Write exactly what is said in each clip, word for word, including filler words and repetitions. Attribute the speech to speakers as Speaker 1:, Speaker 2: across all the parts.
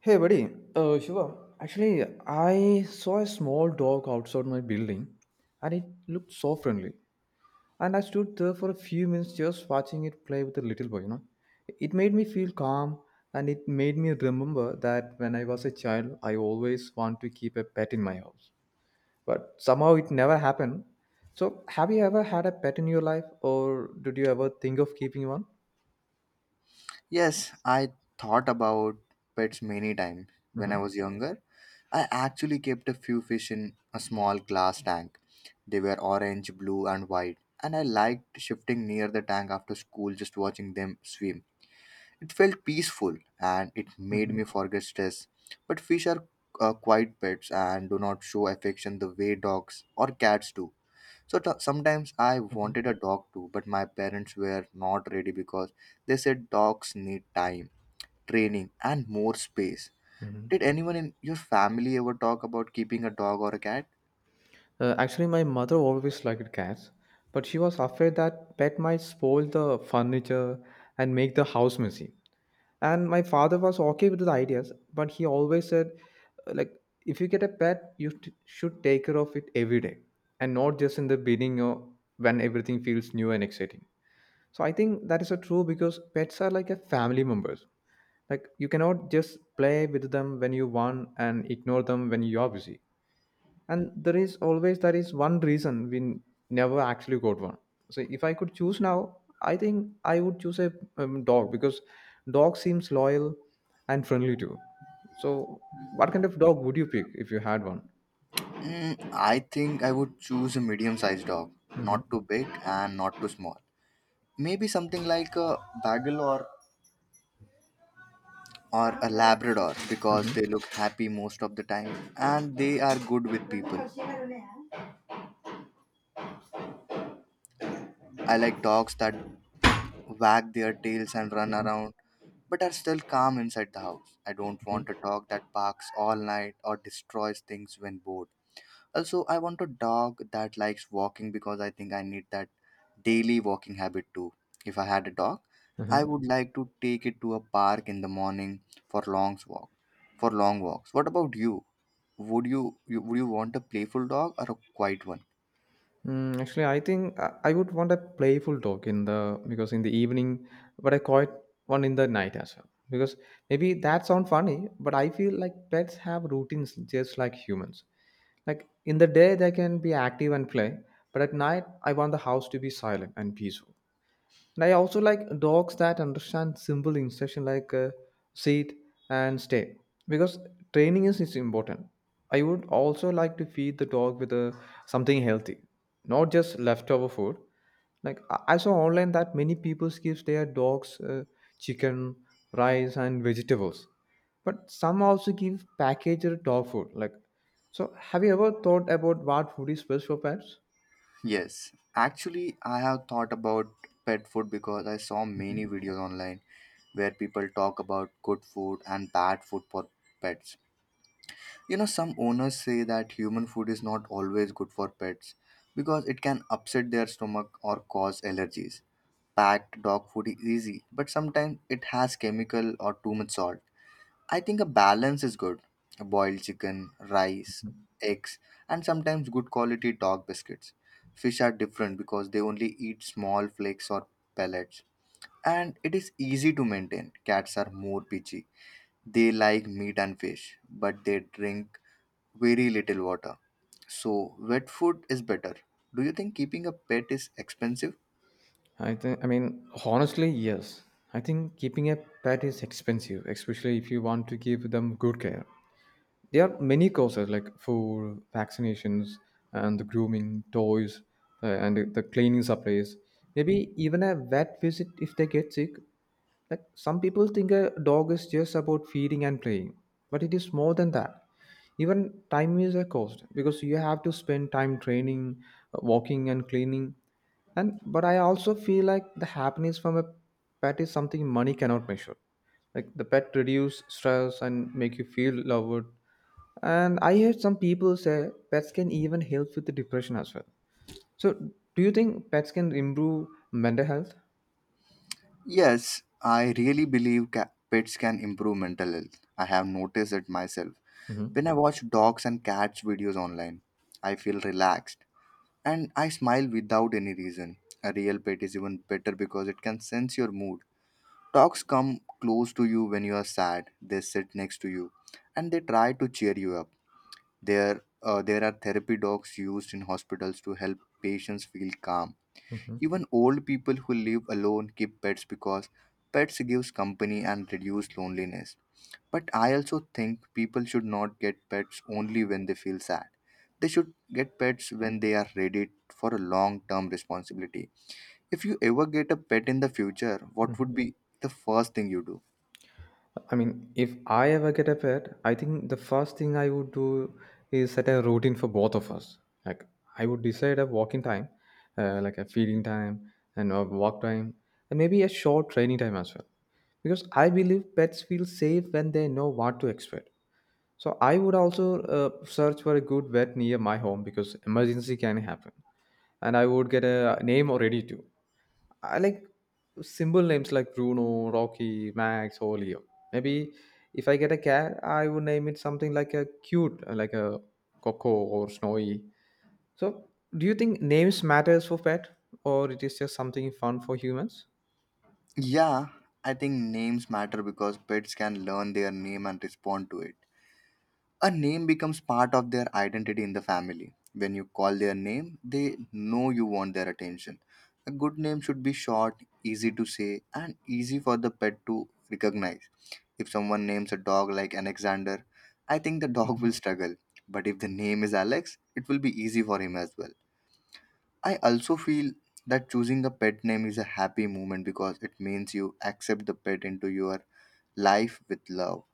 Speaker 1: Hey, buddy. Uh, Shiva, actually, I saw a small dog outside my building and it looked so friendly. And I stood there for a few minutes just watching it play with a little boy, you know. It made me feel calm and it made me remember that when I was a child, I always want to keep a pet in my house. But somehow it never happened. So, have you ever had a pet in your life or did you ever think of keeping one?
Speaker 2: Yes, I thought about pets many times when I
Speaker 1: Mm-hmm.
Speaker 2: was younger. I actually kept a few fish in a small glass tank. They were orange, blue, and white, and I liked shifting near the tank after school just watching them swim. It felt peaceful and it made
Speaker 1: Mm-hmm.
Speaker 2: me forget stress. But fish are uh, quiet pets and do not show affection the way dogs or cats do. So t- sometimes I
Speaker 1: Mm-hmm.
Speaker 2: wanted a dog too, but my parents were not ready because they said dogs need time training, and more space.
Speaker 1: Mm-hmm.
Speaker 2: Did anyone in your family ever talk about keeping a dog or a cat?
Speaker 1: Uh, actually, my mother always liked cats, but she was afraid that pet might spoil the furniture and make the house messy. And my father was okay with the ideas, but he always said, uh, like, if you get a pet, you t- should take care of it every day, and not just in the beginning or when everything feels new and exciting. So I think that is a true because pets are like a family members. Like you cannot just play with them when you want and ignore them when you are busy and there is always there is one reason we n- never actually got one. So if I could choose now, I think I would choose a um, dog because dog seems loyal and friendly too. So what kind of dog would you pick if you had one?
Speaker 2: Mm, I think I would choose a medium sized dog,
Speaker 1: Mm-hmm.
Speaker 2: not too big and not too small. Maybe something like a Bagel or, or a Labrador
Speaker 1: Mm-hmm.
Speaker 2: because they look happy most of the time and they are good with people. I like dogs that wag their tails and run
Speaker 1: Mm-hmm.
Speaker 2: around but are still calm inside the house. I don't
Speaker 1: Okay.
Speaker 2: want a dog that barks all night or destroys things when bored. Also, I want a dog that likes walking because I think I need that daily walking habit too. If I had a dog, I
Speaker 1: Uh-huh.
Speaker 2: would like to take it to a park in the morning for long walk. For long walks. What about you? Would you, you would you want a playful dog or a quiet one?
Speaker 1: Mm, actually, I think I I would want a playful dog in the because in the evening, but I quiet one in the night as well. Because maybe that sounds funny, but I feel like pets have routines just like humans. Like in the day, they can be active and play, but at night, I want the house to be silent and peaceful. And I also like dogs that understand simple instruction like uh, sit and stay because training is, is important. I would also like to feed the dog with uh, something healthy, not just leftover food. Like I I saw online that many people give their dogs uh, chicken, rice, and vegetables, but some also give packaged dog food. Like, so have you ever thought about what food is best for pets?
Speaker 2: Yes, actually, I have thought about pet food because I saw many videos online where people talk about good food and bad food for pets. You know, some owners say that human food is not always good for pets because it can upset their stomach or cause allergies. Packed dog food is easy, but sometimes it has chemical or too much salt. I think a balance is good. Boiled chicken, rice, eggs, and sometimes good quality dog biscuits. Fish are different because they only eat small flakes or pellets. And it is easy to maintain. Cats are more picky. They like meat and fish, but they drink very little water. So, wet food is better. Do you think keeping a pet is expensive?
Speaker 1: I think, I mean, honestly, yes. I think keeping a pet is expensive, especially if you want to give them good care. There are many costs like food, vaccinations, and the grooming, toys, uh, and the cleaning supplies. Maybe even a vet visit if they get sick. Like some people think a dog is just about feeding and playing, but it is more than that. Even time is a cost because you have to spend time training, uh, walking, and cleaning. And but I also feel like the happiness from a pet is something money cannot measure. Like the pet reduce stress and make you feel loved. And I heard some people say pets can even help with the depression as well. So do you think pets can improve mental health?
Speaker 2: Yes, I really believe ca- pets can improve mental health. I have noticed it myself.
Speaker 1: Hmm.
Speaker 2: When I watch dogs and cats videos online, I feel relaxed and I smile without any reason. A real pet is even better because it can sense your mood. Dogs come close to you when you are sad, they sit next to you, and they try to cheer you up. There, uh, there are therapy dogs used in hospitals to help patients feel calm. Even old people who live alone keep pets because pets gives company and reduce loneliness. But I also think people should not get pets only when they feel sad. They should get pets when they are ready for a long-term responsibility. If you ever get a pet in the future, what would
Speaker 1: Hmm.
Speaker 2: be the first thing you do?
Speaker 1: I mean, if I ever get a pet, I think the first thing I would do is set a routine for both of us. Like, I would decide a walking time, uh, like a feeding time, and a walk time, and maybe a short training time as well. Because I believe pets feel safe when they know what to expect. So I would also uh, search for a good vet near my home because emergency can happen, and I would get a name already too. I like simple names like Bruno, Rocky, Max, or Leo. Maybe if I get a cat, I would name it something like a cute, uh, like a Coco or Snowy. So, do you think names matters for pet, or it is just something fun for humans?
Speaker 2: Yeah, I think names matter because pets can learn their name and respond to it. A name becomes part of their identity in the family. When you call their name, they know you want their attention. A good name should be short, easy to say, and easy for the pet to recognize. If someone names a dog like Alexander, I think the dog
Speaker 1: Mhm,
Speaker 2: will struggle. But if the name is Alex, it will be easy for him as well. I also feel that choosing a pet name is a happy moment because it means you accept the pet into your life with love.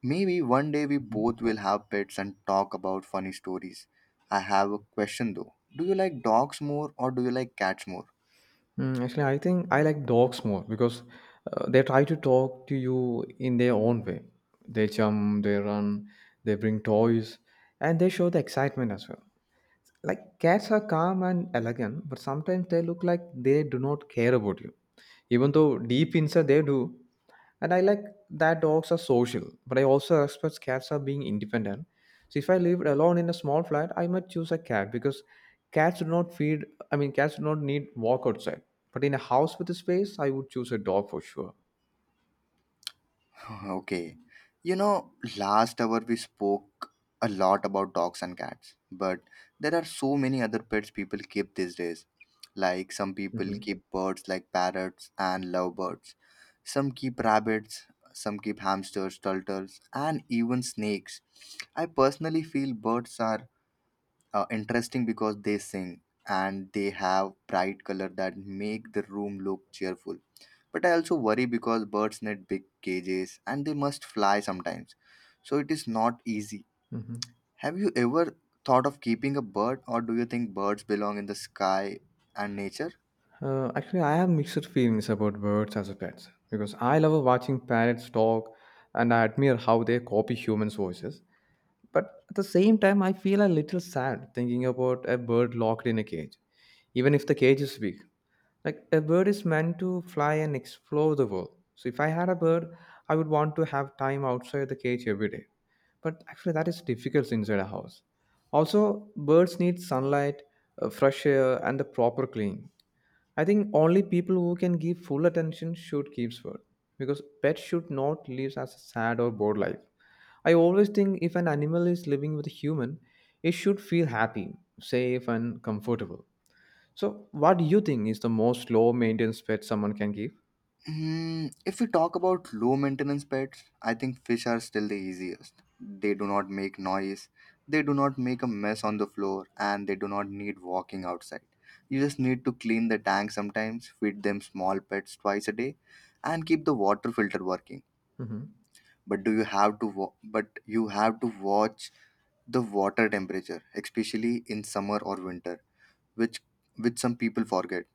Speaker 2: Maybe one day we
Speaker 1: mhm.
Speaker 2: both will have pets and talk about funny stories. I have a question though. Do you like dogs more or do you like cats more?
Speaker 1: Mm, actually, I think I like dogs more because uh, they try to talk to you in their own way. They jump, they run, they bring toys, and they show the excitement as well. Like cats are calm and elegant, but sometimes they look like they do not care about you, even though deep inside they do. And I like that dogs are social, but I also respect cats are being independent. So if I lived alone in a small flat, I might choose a cat because cats do not feed. I mean, cats do not need walk outside. But in a house with a space, I would choose a dog for sure.
Speaker 2: Okay. You know, last hour we spoke a lot about dogs and cats, but there are so many other pets people keep these days. Like some people
Speaker 1: Mm-hmm.
Speaker 2: keep birds like parrots and lovebirds. Some keep rabbits, some keep hamsters, turtles, and even snakes. I personally feel birds are uh, interesting because they sing and they have bright color that make the room look cheerful, but I also worry because birds need big cages and they must fly sometimes, so it is not easy.
Speaker 1: Mm-hmm.
Speaker 2: Have you ever thought of keeping a bird, or do you think birds belong in the sky and nature?
Speaker 1: Uh, actually, I have mixed feelings about birds as a pets because I love watching parrots talk and I admire how they copy humans' voices. But at the same time, I feel a little sad thinking about a bird locked in a cage, even if the cage is big. Like a bird is meant to fly and explore the world. So if I had a bird, I would want to have time outside the cage every day. But actually, that is difficult inside a house. Also, birds need sunlight, uh, fresh air, and the proper clean. I think only people who can give full attention should keep bird because pets should not live as a sad or bored life. I always think if an animal is living with a human, it should feel happy, safe, and comfortable. So, what do you think is the most low maintenance pet someone can give?
Speaker 2: Hmm, if we talk about low maintenance pets, I think fish are still the easiest. They do not make noise, they do not make a mess on the floor, and they do not need walking outside. You just need to clean the tank sometimes, feed them small pets twice a day, and keep the water filter working.
Speaker 1: Hmm.
Speaker 2: But do you have to wa- but you have to watch the water temperature, especially in summer or winter, which which some people forget.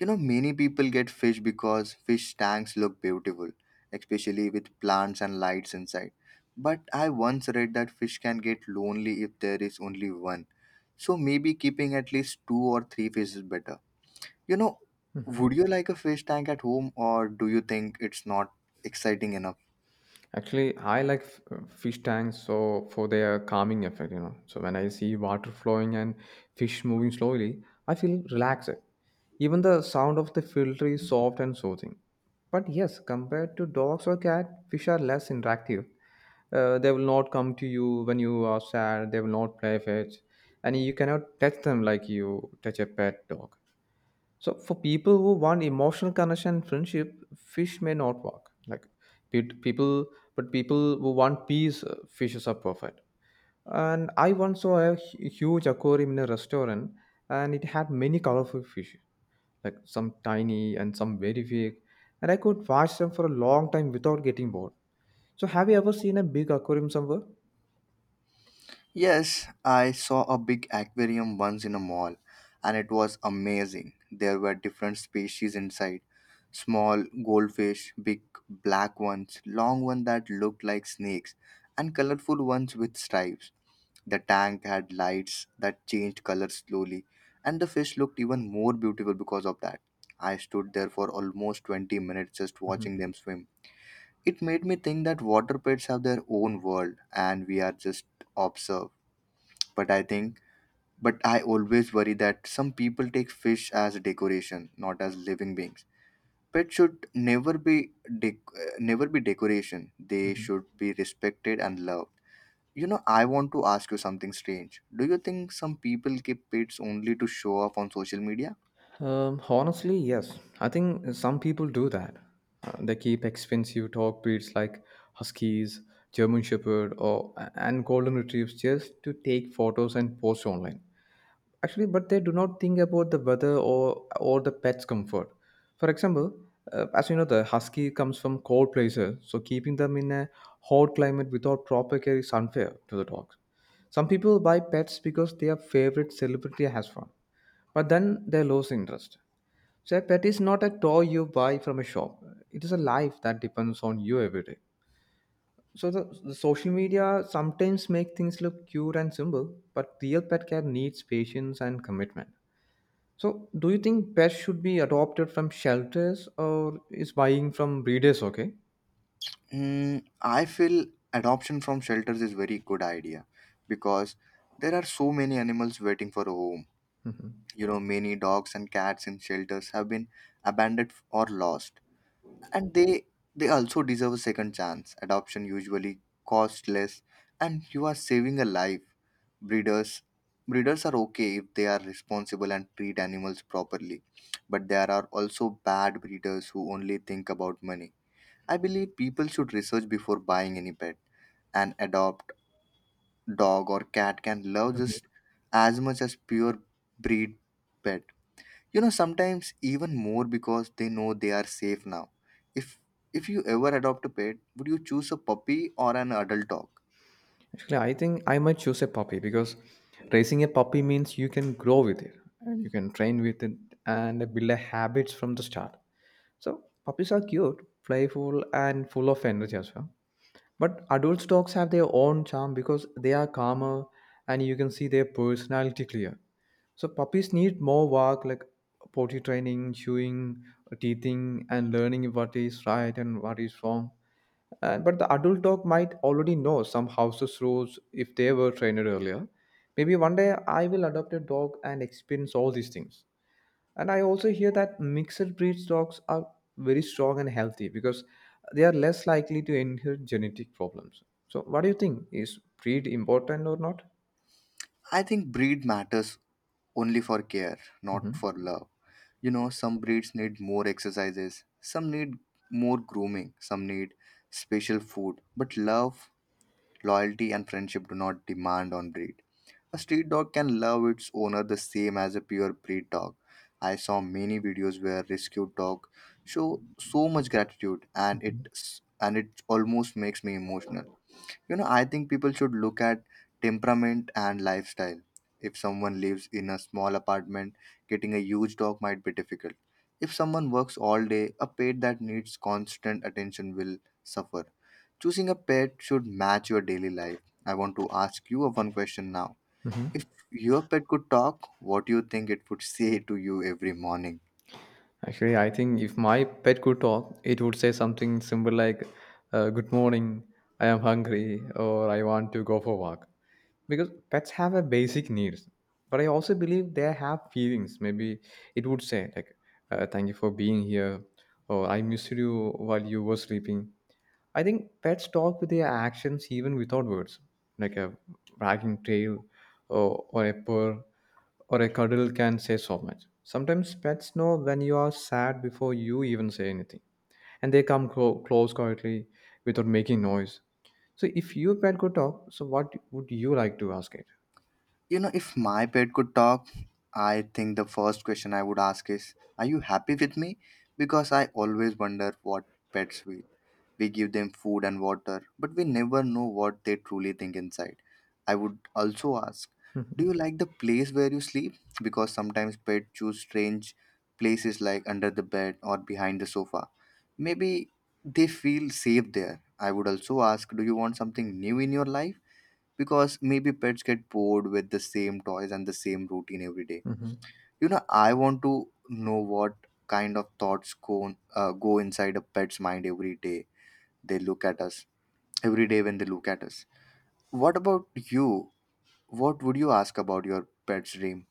Speaker 2: You know, many people get fish because fish tanks look beautiful, especially with plants and lights inside. But I once read that fish can get lonely if there is only one. So maybe keeping at least two or three fish is better. You know, would
Speaker 1: Hmm.
Speaker 2: you like a fish tank at home, or do you think it's not exciting enough?
Speaker 1: Actually, I like f- uh, fish tanks so for their calming effect, you know. So when I see water flowing and fish moving slowly, I feel relaxed. Even the sound of the filter is soft and soothing. But yes, compared to dogs or cat, fish are less interactive. Uh, they will not come to you when you are sad. They will not play fetch, and you cannot touch them like you touch a pet dog. So for people who want emotional connection and friendship, fish may not work. Like pe- people, but people who want peace, uh, fishes are perfect. And I once saw a hu- huge aquarium in a restaurant, and it had many colorful fish like some tiny and some very big, and I could watch them for a long time without getting bored. So, have you ever seen a big aquarium somewhere?
Speaker 2: Yes, I saw a big aquarium once in a mall and it was amazing. There were different species inside. Small goldfish, big black ones, long ones that looked like snakes, and colorful ones with stripes. The tank had lights that changed color slowly, and the fish looked even more beautiful because of that. I stood there for almost twenty minutes just watching
Speaker 1: Hmm.
Speaker 2: them swim. It made me think that water pets have their own world and we are just observe. But I think but I always worry that some people take fish as decoration, not as living beings. Pets should never be dec- uh, never be decoration. They
Speaker 1: Hmm.
Speaker 2: should be respected and loved. You know, I want to ask you something strange. Do you think some people keep pets only to show off on social media?
Speaker 1: Um, honestly, yes. I think some people do that. Uh, they keep expensive dog breeds like huskies, German Shepherd, or and golden retrievers just to take photos and post online. Actually, but they do not think about the weather or or the pet's comfort. For example, uh, as you know, the husky comes from cold places, so keeping them in a hot climate without proper care is unfair to the dogs. Some people buy pets because their favorite celebrity has one, but then they lose interest. So a pet is not a toy you buy from a shop, it is a life that depends on you every day. So the, the social media sometimes make things look cute and simple, but real pet care needs patience and commitment. So, do you think pets should be adopted from shelters or is buying from breeders okay?
Speaker 2: Mm, I feel adoption from shelters is very good idea because there are so many animals waiting for a home.
Speaker 1: Mhm.
Speaker 2: You know, many dogs and cats in shelters have been abandoned or lost, and they they also deserve a second chance. Adoption usually costs less and you are saving a life. Breeders breeders are okay if they are responsible and treat animals properly, but there are also bad breeders who only think about money. I believe people should research before buying any pet. An adopt dog or cat can love
Speaker 1: Mhm.
Speaker 2: just as much as pure breed pet, you know, sometimes even more because they know they are safe now. If if you ever adopt a pet, would you choose a puppy or an adult dog?
Speaker 1: Actually, I think I might choose a puppy because raising a puppy means you can grow with it and you can train with it and build a habits from the start. So, puppies are cute, playful, and full of energy as well. But adult dogs have their own charm because they are calmer and you can see their personality clear. So puppies need more work like potty training, chewing, teething, and learning what is right and what is wrong. Uh, but the adult dog might already know some house's rules if they were trained earlier. Maybe one day I will adopt a dog and experience all these things. And I also hear that mixed breed dogs are very strong and healthy because they are less likely to inherit genetic problems. So, what do you think? Is breed important or not?
Speaker 2: I think breed matters only for care, not
Speaker 1: Mhm.
Speaker 2: for love. You know, some breeds need more exercises, some need more grooming, some need special food, but love, loyalty, and friendship do not demand on breed. A street dog can love its owner the same as a purebred dog. I saw many videos where rescued dog show so much gratitude, and it and it almost makes me emotional. You know, I think people should look at temperament and lifestyle. If someone lives in a small apartment, getting a huge dog might be difficult. If someone works all day, a pet that needs constant attention will suffer. Choosing a pet should match your daily life. I want to ask you a one question now. If your pet could talk, what do you think it would say to you every morning?
Speaker 1: Actually, I think if my pet could talk, it would say something simple like, uh, Good morning, I am hungry, or I want to go for walk. Because pets have a basic needs. But I also believe they have feelings. Maybe it would say, like, uh, Thank you for being here, or I missed you while you were sleeping. I think pets talk with their actions even without words, like a wagging tail or, or a purr or a cuddle can say so much. Sometimes pets know when you are sad before you even say anything, and they come clo- close quietly without making noise. So, if your pet could talk, so what would you like to ask it?
Speaker 2: You know, if my pet could talk, I think the first question I would ask is, "Are you happy with me?" Because I always wonder what pets feel. We give them food and water, but we never know what they truly think inside. I would also ask, "Do
Speaker 1: Hmm.
Speaker 2: you like the place where you sleep?" Because sometimes pets choose strange places like under the bed or behind the sofa, maybe they feel safe there. I would also ask, "Do you want something new in your life?" Because maybe pets get bored with the same toys and the same routine every day.
Speaker 1: Hmm.
Speaker 2: You know, I want to know what kind of thoughts go uh, go inside a pet's mind every day. They look at us every day when they look at us. What about you? What would you ask about your pet's dream?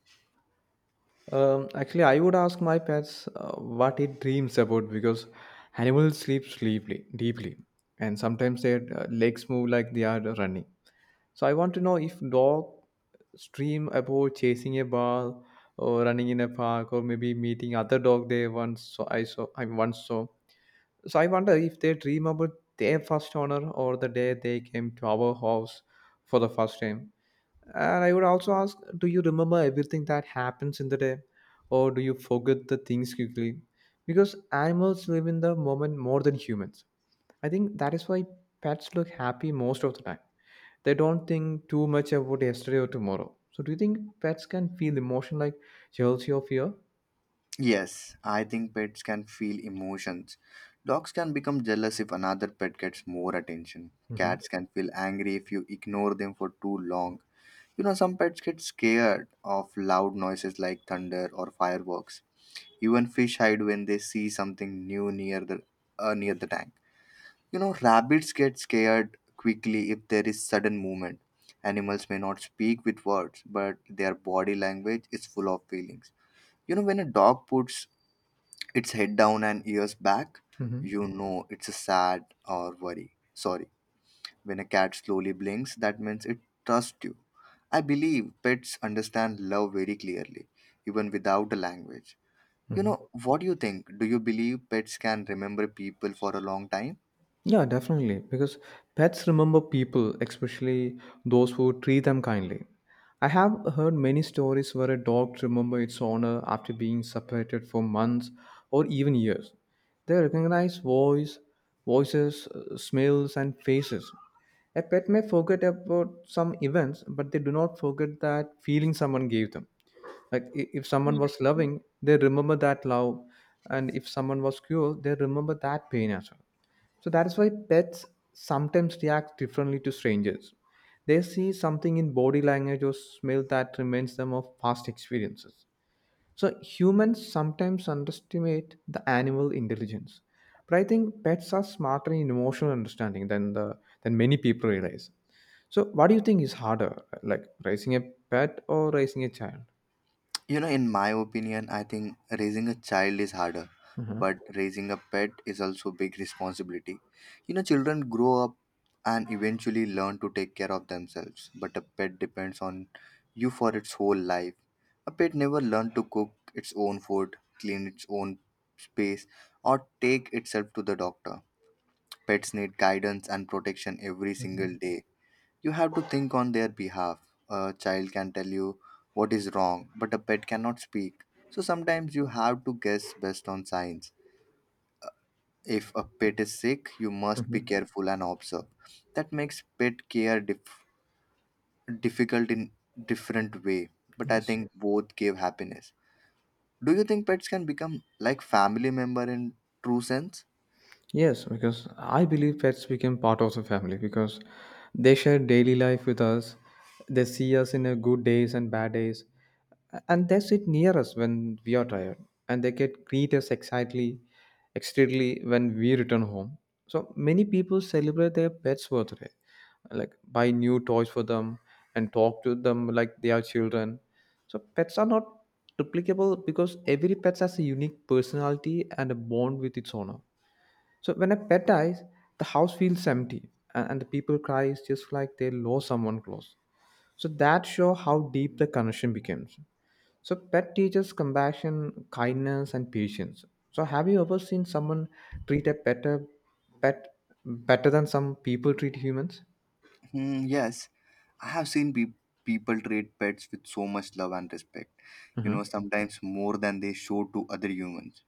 Speaker 1: Um, actually, I would ask my pets uh, what it dreams about because animals sleep sleeply, deeply, and sometimes their uh, legs move like they are running. So I want to know if dog dream about chasing a ball or running in a park or maybe meeting other dog they once saw. I saw I once saw. So I wonder if they dream about their first owner or the day they came to our house for the first time. And I would also ask, do you remember everything that happens in the day, or do you forget the things quickly? Because animals live in the moment more than humans. I think that is why pets look happy most of the time. They don't think too much about yesterday or tomorrow. So, do you think pets can feel emotion like jealousy or fear?
Speaker 2: Yes, I think pets can feel emotions. Dogs can become jealous if another pet gets more attention.
Speaker 1: Mm-hmm.
Speaker 2: Cats can feel angry if you ignore them for too long. You know, some pets get scared of loud noises like thunder or fireworks. Even fish hide when they see something new near the uh, near the tank. You know, rabbits get scared quickly if there is sudden movement. Animals may not speak with words, but their body language is full of feelings you know when a dog puts it's head down and ears back.
Speaker 1: Mm-hmm.
Speaker 2: You know it's a sad or worry. Sorry. When a cat slowly blinks, that means it trusts you. I believe pets understand love very clearly, even without a language. You
Speaker 1: Mm-hmm.
Speaker 2: know, what do you think? Do you believe pets can remember people for a long time?
Speaker 1: Yeah, definitely. Because pets remember people, especially those who treat them kindly. I have heard many stories where a dog remembers its owner after being separated for months or even years. They recognize voice, voices, uh, smells, and faces. A pet may forget about some events, but they do not forget that feeling someone gave them. Like i- if someone was loving, they remember that love, and if someone was cruel, they remember that pain as well, so that is why pets sometimes react differently to strangers. They see something in body language or smell that reminds them of past experiences. So humans sometimes underestimate the animal intelligence. But I think pets are smarter in emotional understanding than the than many people realize. So what do you think is harder, like raising a pet or raising a child?
Speaker 2: You know, in my opinion, I think raising a child is harder,
Speaker 1: Mm-hmm.
Speaker 2: but raising a pet is also a big responsibility. You know, children grow up and eventually learn to take care of themselves, but a pet depends on you for its whole life. A pet never learns to cook its own food, clean its own space, or take itself to the doctor. Pets need guidance and protection every
Speaker 1: Mm-hmm.
Speaker 2: single day. You have to think on their behalf. A child can tell you what is wrong, but a pet cannot speak. So sometimes you have to guess based on signs. If a pet is sick, you must be
Speaker 1: Mm-hmm.
Speaker 2: careful and observe. That makes pet care dif- difficult in different way, but I
Speaker 1: Yes.
Speaker 2: think both give happiness. Do you think pets can become like family member in true sense?
Speaker 1: Yes, because I believe pets became part of the family because they share daily life with us. They see us in a good days and bad days, and they sit near us when we are tired, and they get greet us excitedly, excitedly when we return home. So many people celebrate their pets' birthday, like buy new toys for them and talk to them like they are children. So pets are not replicable because every pet has a unique personality and a bond with its owner, so when a pet dies, the house feels empty, and, and the people cries just like they lost someone close. So that show how deep the connection becomes. So pet teaches compassion, kindness and patience. So have you ever seen someone treat a better pet better than some people treat humans?
Speaker 2: Hmm, yes, I have seen pe- people treat pets with so much love and respect, you
Speaker 1: Uh-huh.
Speaker 2: know, sometimes more than they show to other humans.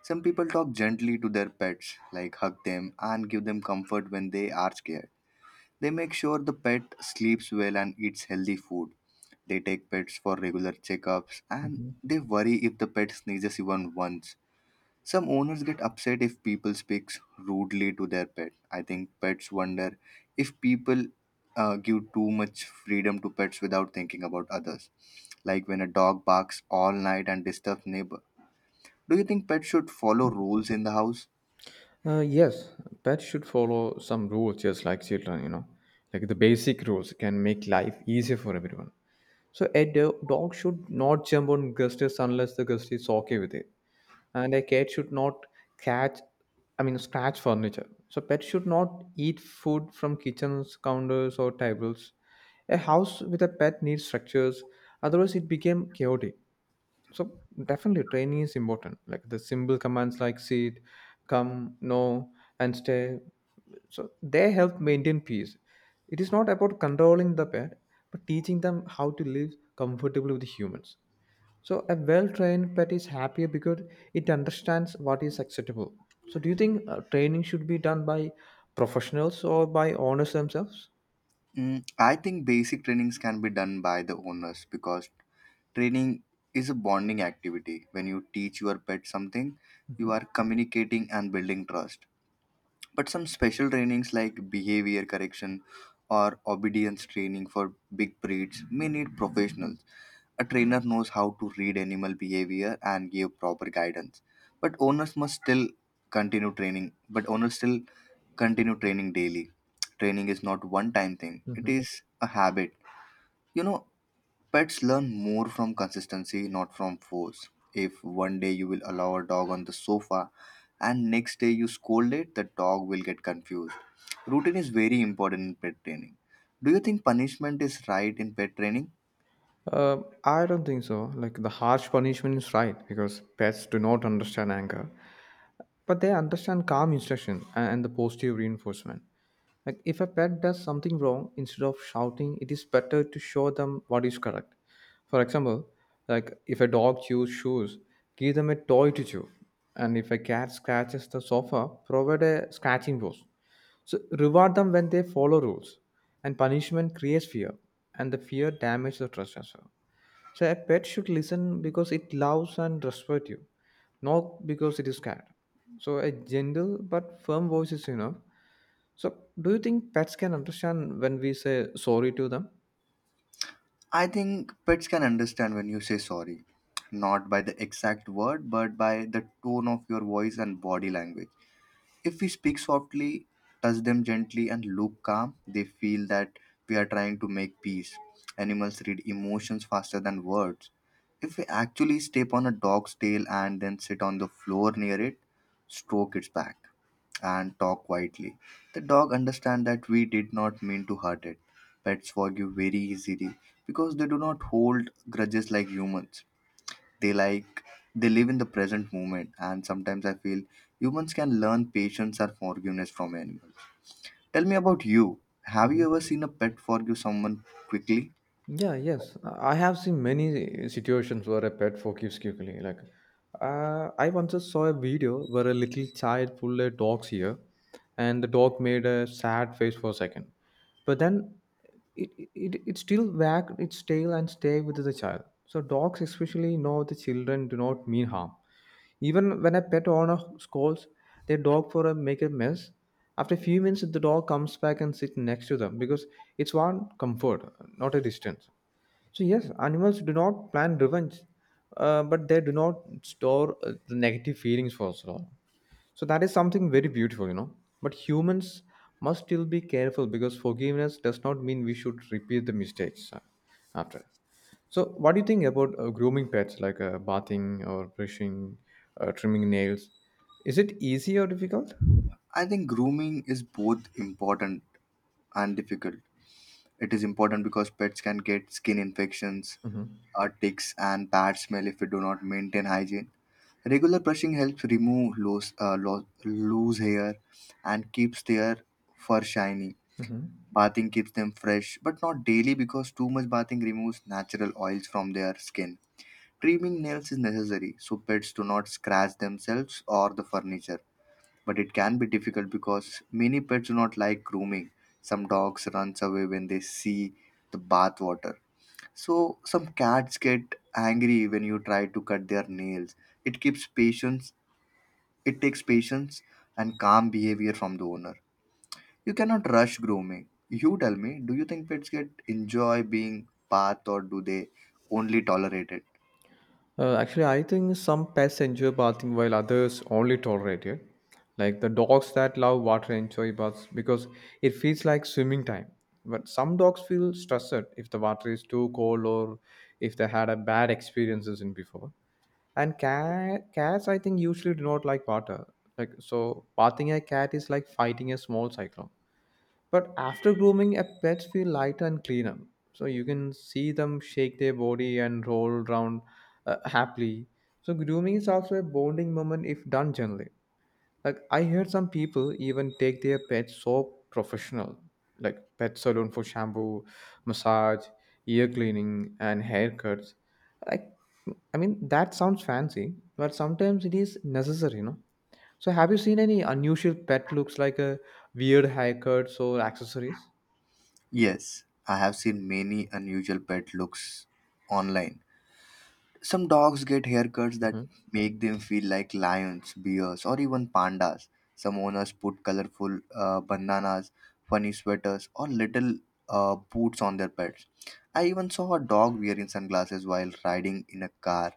Speaker 2: Some people talk gently to their pets, like hug them and give them comfort when they are scared. They make sure the pet sleeps well and eats healthy food. They take pets for regular checkups and
Speaker 1: Mhm.
Speaker 2: they worry if the pet sneezes even once. Some owners get upset if people speaks rudely to their pet. I think pets wonder if people uh, give too much freedom to pets without thinking about others, like when a dog barks all night and disturbs neighbor. Do you think pets should follow rules in the house?
Speaker 1: Uh, yes, pets should follow some rules just like children, you know. Like the basic rules can make life easier for everyone. So a do- dog should not jump on guests unless the guest is okay with it, and a cat should not catch, I mean, scratch furniture. So pets should not eat food from kitchens, counters, or tables. A house with a pet needs structures, otherwise it became chaotic. So definitely training is important. Like the simple commands like sit, come, no, and stay, so they help maintain peace. It is not about controlling the pet, but teaching them how to live comfortably with humans. So a well trained pet is happier because it understands what is acceptable. So do you think uh, training should be done by professionals or by owners themselves?
Speaker 2: Mm, I think basic trainings can be done by the owners because training is a bonding activity. When you teach your pet something, you are
Speaker 1: Hmm.
Speaker 2: communicating and building trust. But some special trainings like behavior correction or obedience training for big breeds may need professionals. A trainer knows how to read animal behavior and give proper guidance. But owners must still continue training, but owners still continue training daily. Training is not one time thing, it
Speaker 1: Hmm.
Speaker 2: is a habit. You know, Pets learn more from consistency, not from force. If one day you will allow a dog on the sofa and next day you scold it, the dog will get confused. Routine is very important in pet training. Do you think punishment is right in pet training?
Speaker 1: Uh, I don't think so. Like the harsh punishment is right because pets do not understand anger, but they understand calm instruction and, and the positive reinforcement. Like if a pet does something wrong, instead of shouting, it is better to show them what is correct. For example, like if a dog chews shoes, give them a toy to chew. And if a cat scratches the sofa, provide a scratching post. So reward them when they follow rules. And punishment creates fear. And the fear damages the trust as well. So a pet should listen because it loves and respects you, not because it is scared. So a gentle but firm voice is enough. So, do you think pets can understand when we say sorry to them?
Speaker 2: I think pets can understand when you say sorry, not by the exact word, but by the tone of your voice and body language. If we speak softly, touch them gently, and look calm, they feel that we are trying to make peace. Animals read emotions faster than words. If we actually step on a dog's tail and then sit on the floor near it, stroke its back, and talk quietly, the dog understands that we did not mean to hurt it. Pets forgive very easily because they do not hold grudges like humans. They like they live in the present moment, and sometimes I feel humans can learn patience or forgiveness from animals. Tell me about you. Have you
Speaker 1: Mhm.
Speaker 2: ever seen a pet forgive someone quickly?
Speaker 1: Yeah, yes. I have seen many situations where a pet forgives quickly. Like, uh, I once saw a video where a little child pulled a dog's ear, and the dog made a sad face for a second. But then it, it, it still wagged its tail and stayed with the child. So, dogs especially know the children do not mean harm. Even when a pet owner scolds their dog for a make a mess, after a few minutes the dog comes back and sits next to them because it's want comfort, not a distance. So yes, animals do not plan revenge, uh, but they do not store uh, the negative feelings for so long. So that is something very beautiful, you know. But humans must still be careful because forgiveness does not mean we should repeat the mistakes uh, after. So, what do you think about uh, grooming pets, like uh, bathing or brushing, uh, trimming nails? Is it easy or difficult?
Speaker 2: I think grooming is both important and difficult. It is important because pets can get skin infections,
Speaker 1: Hmm.
Speaker 2: uh, ticks, and bad smell if we do not maintain hygiene. Regular brushing helps remove loose, uh, lo- loose hair and keeps their fur shiny.
Speaker 1: Hmm.
Speaker 2: Bathing keeps them fresh, but not daily because too much bathing removes natural oils from their skin. Trimming nails is necessary so pets do not scratch themselves or the furniture, but it can be difficult because many pets do not like grooming. Some dogs runs away when they see the bath water. So some cats get angry when you try to cut their nails. It keeps patience. It takes patience and calm behavior from the owner. You cannot rush grooming. You tell me, do you think pets get enjoy being bathed or do they only tolerate it?
Speaker 1: Uh, actually, I think some pets enjoy bathing while others only tolerate it. Like the dogs that love water enjoy baths because it feels like swimming time. But some dogs feel stressed if the water is too cold or if they had a bad experiences in before. And cat cats, I think, usually do not like water. Like, so bathing a cat is like fighting a small cyclone. But after grooming, a pets feel lighter and cleaner, so you can see them shake their body and roll around, uh, happily. So grooming is also a bonding moment if done gently. Like, I heard some people even take their pets so professional, like pet salon, for shampoo, massage, ear cleaning, and haircuts. Like, I mean, that sounds fancy, but sometimes it is necessary, you know. So have you seen any unusual pet looks, like a weird haircuts or accessories?
Speaker 2: Yes, I have seen many unusual pet looks online. Some dogs get haircuts that
Speaker 1: Hmm.
Speaker 2: make them feel like lions, bears, or even pandas. Some owners put colorful uh, bandanas, funny sweaters, or little uh, boots on their pets. I even saw a dog wearing sunglasses while riding in a car.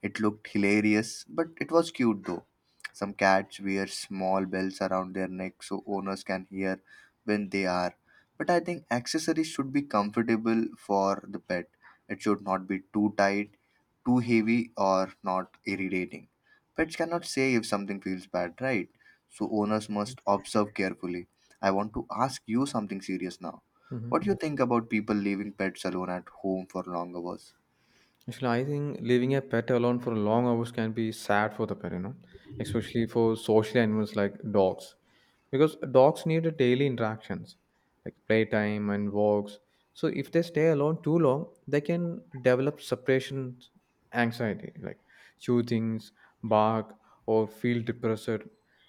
Speaker 2: It looked hilarious, but it was cute though. Some cats wear small bells around their necks so owners can hear when they are. But I think accessories should be comfortable for the pet. It should not be too tight, too heavy, or not irritating. Pets cannot say if something feels bad, right? So owners must observe carefully. I want to ask you something serious now. What do
Speaker 1: Hmm.
Speaker 2: you think about people leaving pets alone at home for long hours?
Speaker 1: Actually, I think leaving a pet alone for long hours can be sad for the pet, you know, especially for social animals like dogs. Because dogs need a daily interactions, like playtime and walks. So if they stay alone too long, they can develop separation anxiety, like chew things, bark, or feel depressed.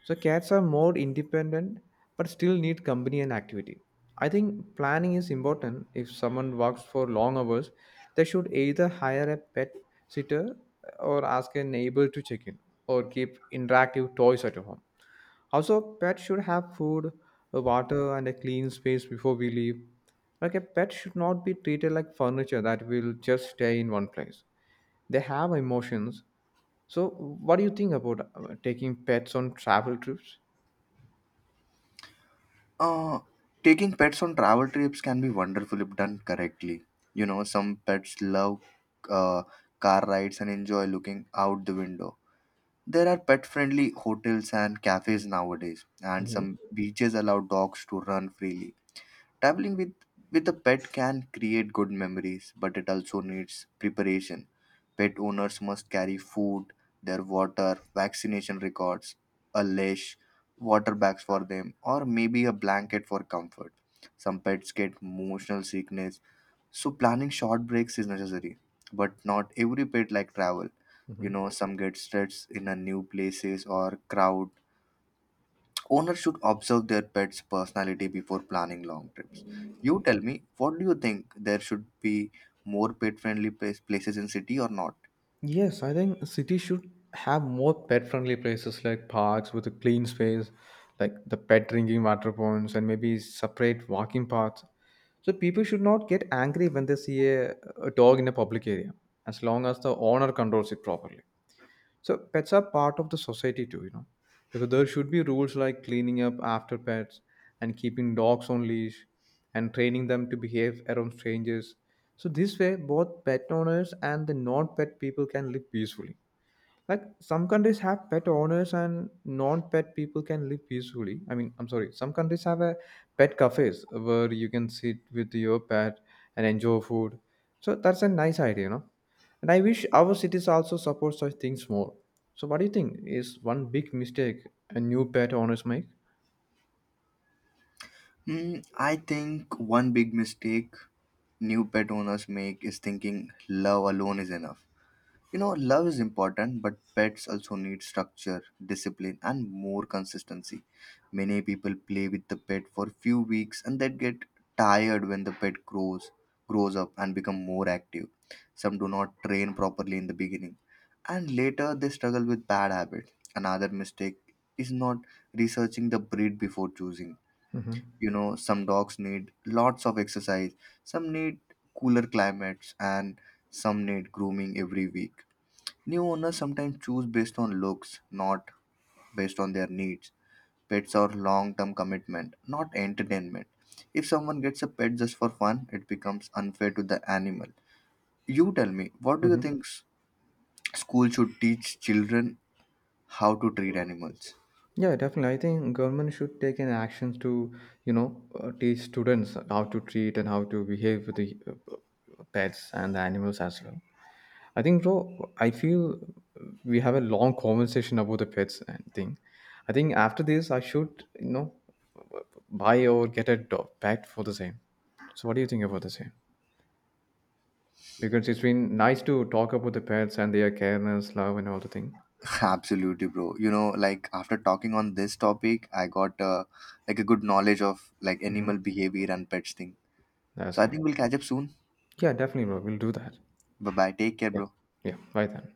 Speaker 1: So cats are more independent but still need company and activity. I think planning is important. If someone works for long hours, they should either hire a pet sitter, or ask a neighbor to check in, or keep interactive toys at home. Also, pets should have food, uh, water, and a clean space before we leave. Like a pet should not be treated like furniture that will just stay in one place. They have emotions. So, what do you think about uh, taking pets on travel trips?
Speaker 2: Uh, taking pets on travel trips can be wonderful if done correctly. You know, some pets love uh, car rides and enjoy looking out the window. There are pet friendly hotels and cafes nowadays, and
Speaker 1: Mhm.
Speaker 2: some beaches allow dogs to run freely. Traveling with with a pet can create good memories, but it also needs preparation. Pet owners must carry food, their water, vaccination records, a leash, water bags for them, or maybe a blanket for comfort. Some pets get motional sickness, so planning short breaks is necessary. But not every pet like travel. You know,
Speaker 1: Mhm.
Speaker 2: some get stressed in a new places or crowd. Owners should observe their pets' personality before planning long trips. You tell me, what do you think? There should be more pet-friendly places in city or not?
Speaker 1: Yes, I think cities should have more pet-friendly places like parks with a clean space, like the pet drinking water ponds, and maybe separate walking paths. So people should not get angry when they see a, a dog in a public area, as long as the owner controls it properly. So pets are part of the society too, you know, because there should be rules like cleaning up after pets and keeping dogs on leash and training them to behave around strangers. So this way, both pet owners and the non-pet people can live peacefully. Like some countries have pet owners and non-pet people can live peacefully. I mean, I'm sorry. Some countries have a pet cafes where you can sit with your pet and enjoy food. So that's a nice idea, you know. And I wish our cities also support such things more. So what do you think is one big mistake a new pet owners make?
Speaker 2: Hmm, I think one big mistake new pet owners make is thinking love alone is enough. You know, love is important, but pets also need structure, discipline, and more consistency. Many people play with the pet for few weeks and then get tired when the pet grows, grows up and become more active. Some do not train properly in the beginning, and later they struggle with bad habits. Another mistake is not researching the breed before choosing.
Speaker 1: Mm-hmm.
Speaker 2: You know, some dogs need lots of exercise, some need cooler climates, and some need grooming every week. New owners sometimes choose based on looks, not based on their needs. Pets are long term commitment, not entertainment. If someone gets a pet just for fun, it becomes unfair to the animal. You tell me, what do you
Speaker 1: Mm-hmm.
Speaker 2: think s- school should teach children how to treat animals?
Speaker 1: Yeah, definitely. I think government should take an actions to, you know, uh, teach students how to treat and how to behave with the uh, pets and the animals as well. I think, bro, I feel we have a long conversation about the pets and thing. I think after this, I should, you know, buy or get a dog pet for the same. So, what do you think about the same? Because it's been nice to talk about the pets and their careness, love, and all the thing.
Speaker 2: Absolutely, bro. You know, like after talking on this topic, I got uh, like a good knowledge of like
Speaker 1: Hmm.
Speaker 2: animal behavior and pets thing.
Speaker 1: That's
Speaker 2: So I
Speaker 1: it.
Speaker 2: think we'll catch up soon.
Speaker 1: Yeah, definitely, bro. We'll do that.
Speaker 2: Bye bye. Take care,
Speaker 1: Yeah.
Speaker 2: bro.
Speaker 1: Yeah. Bye then.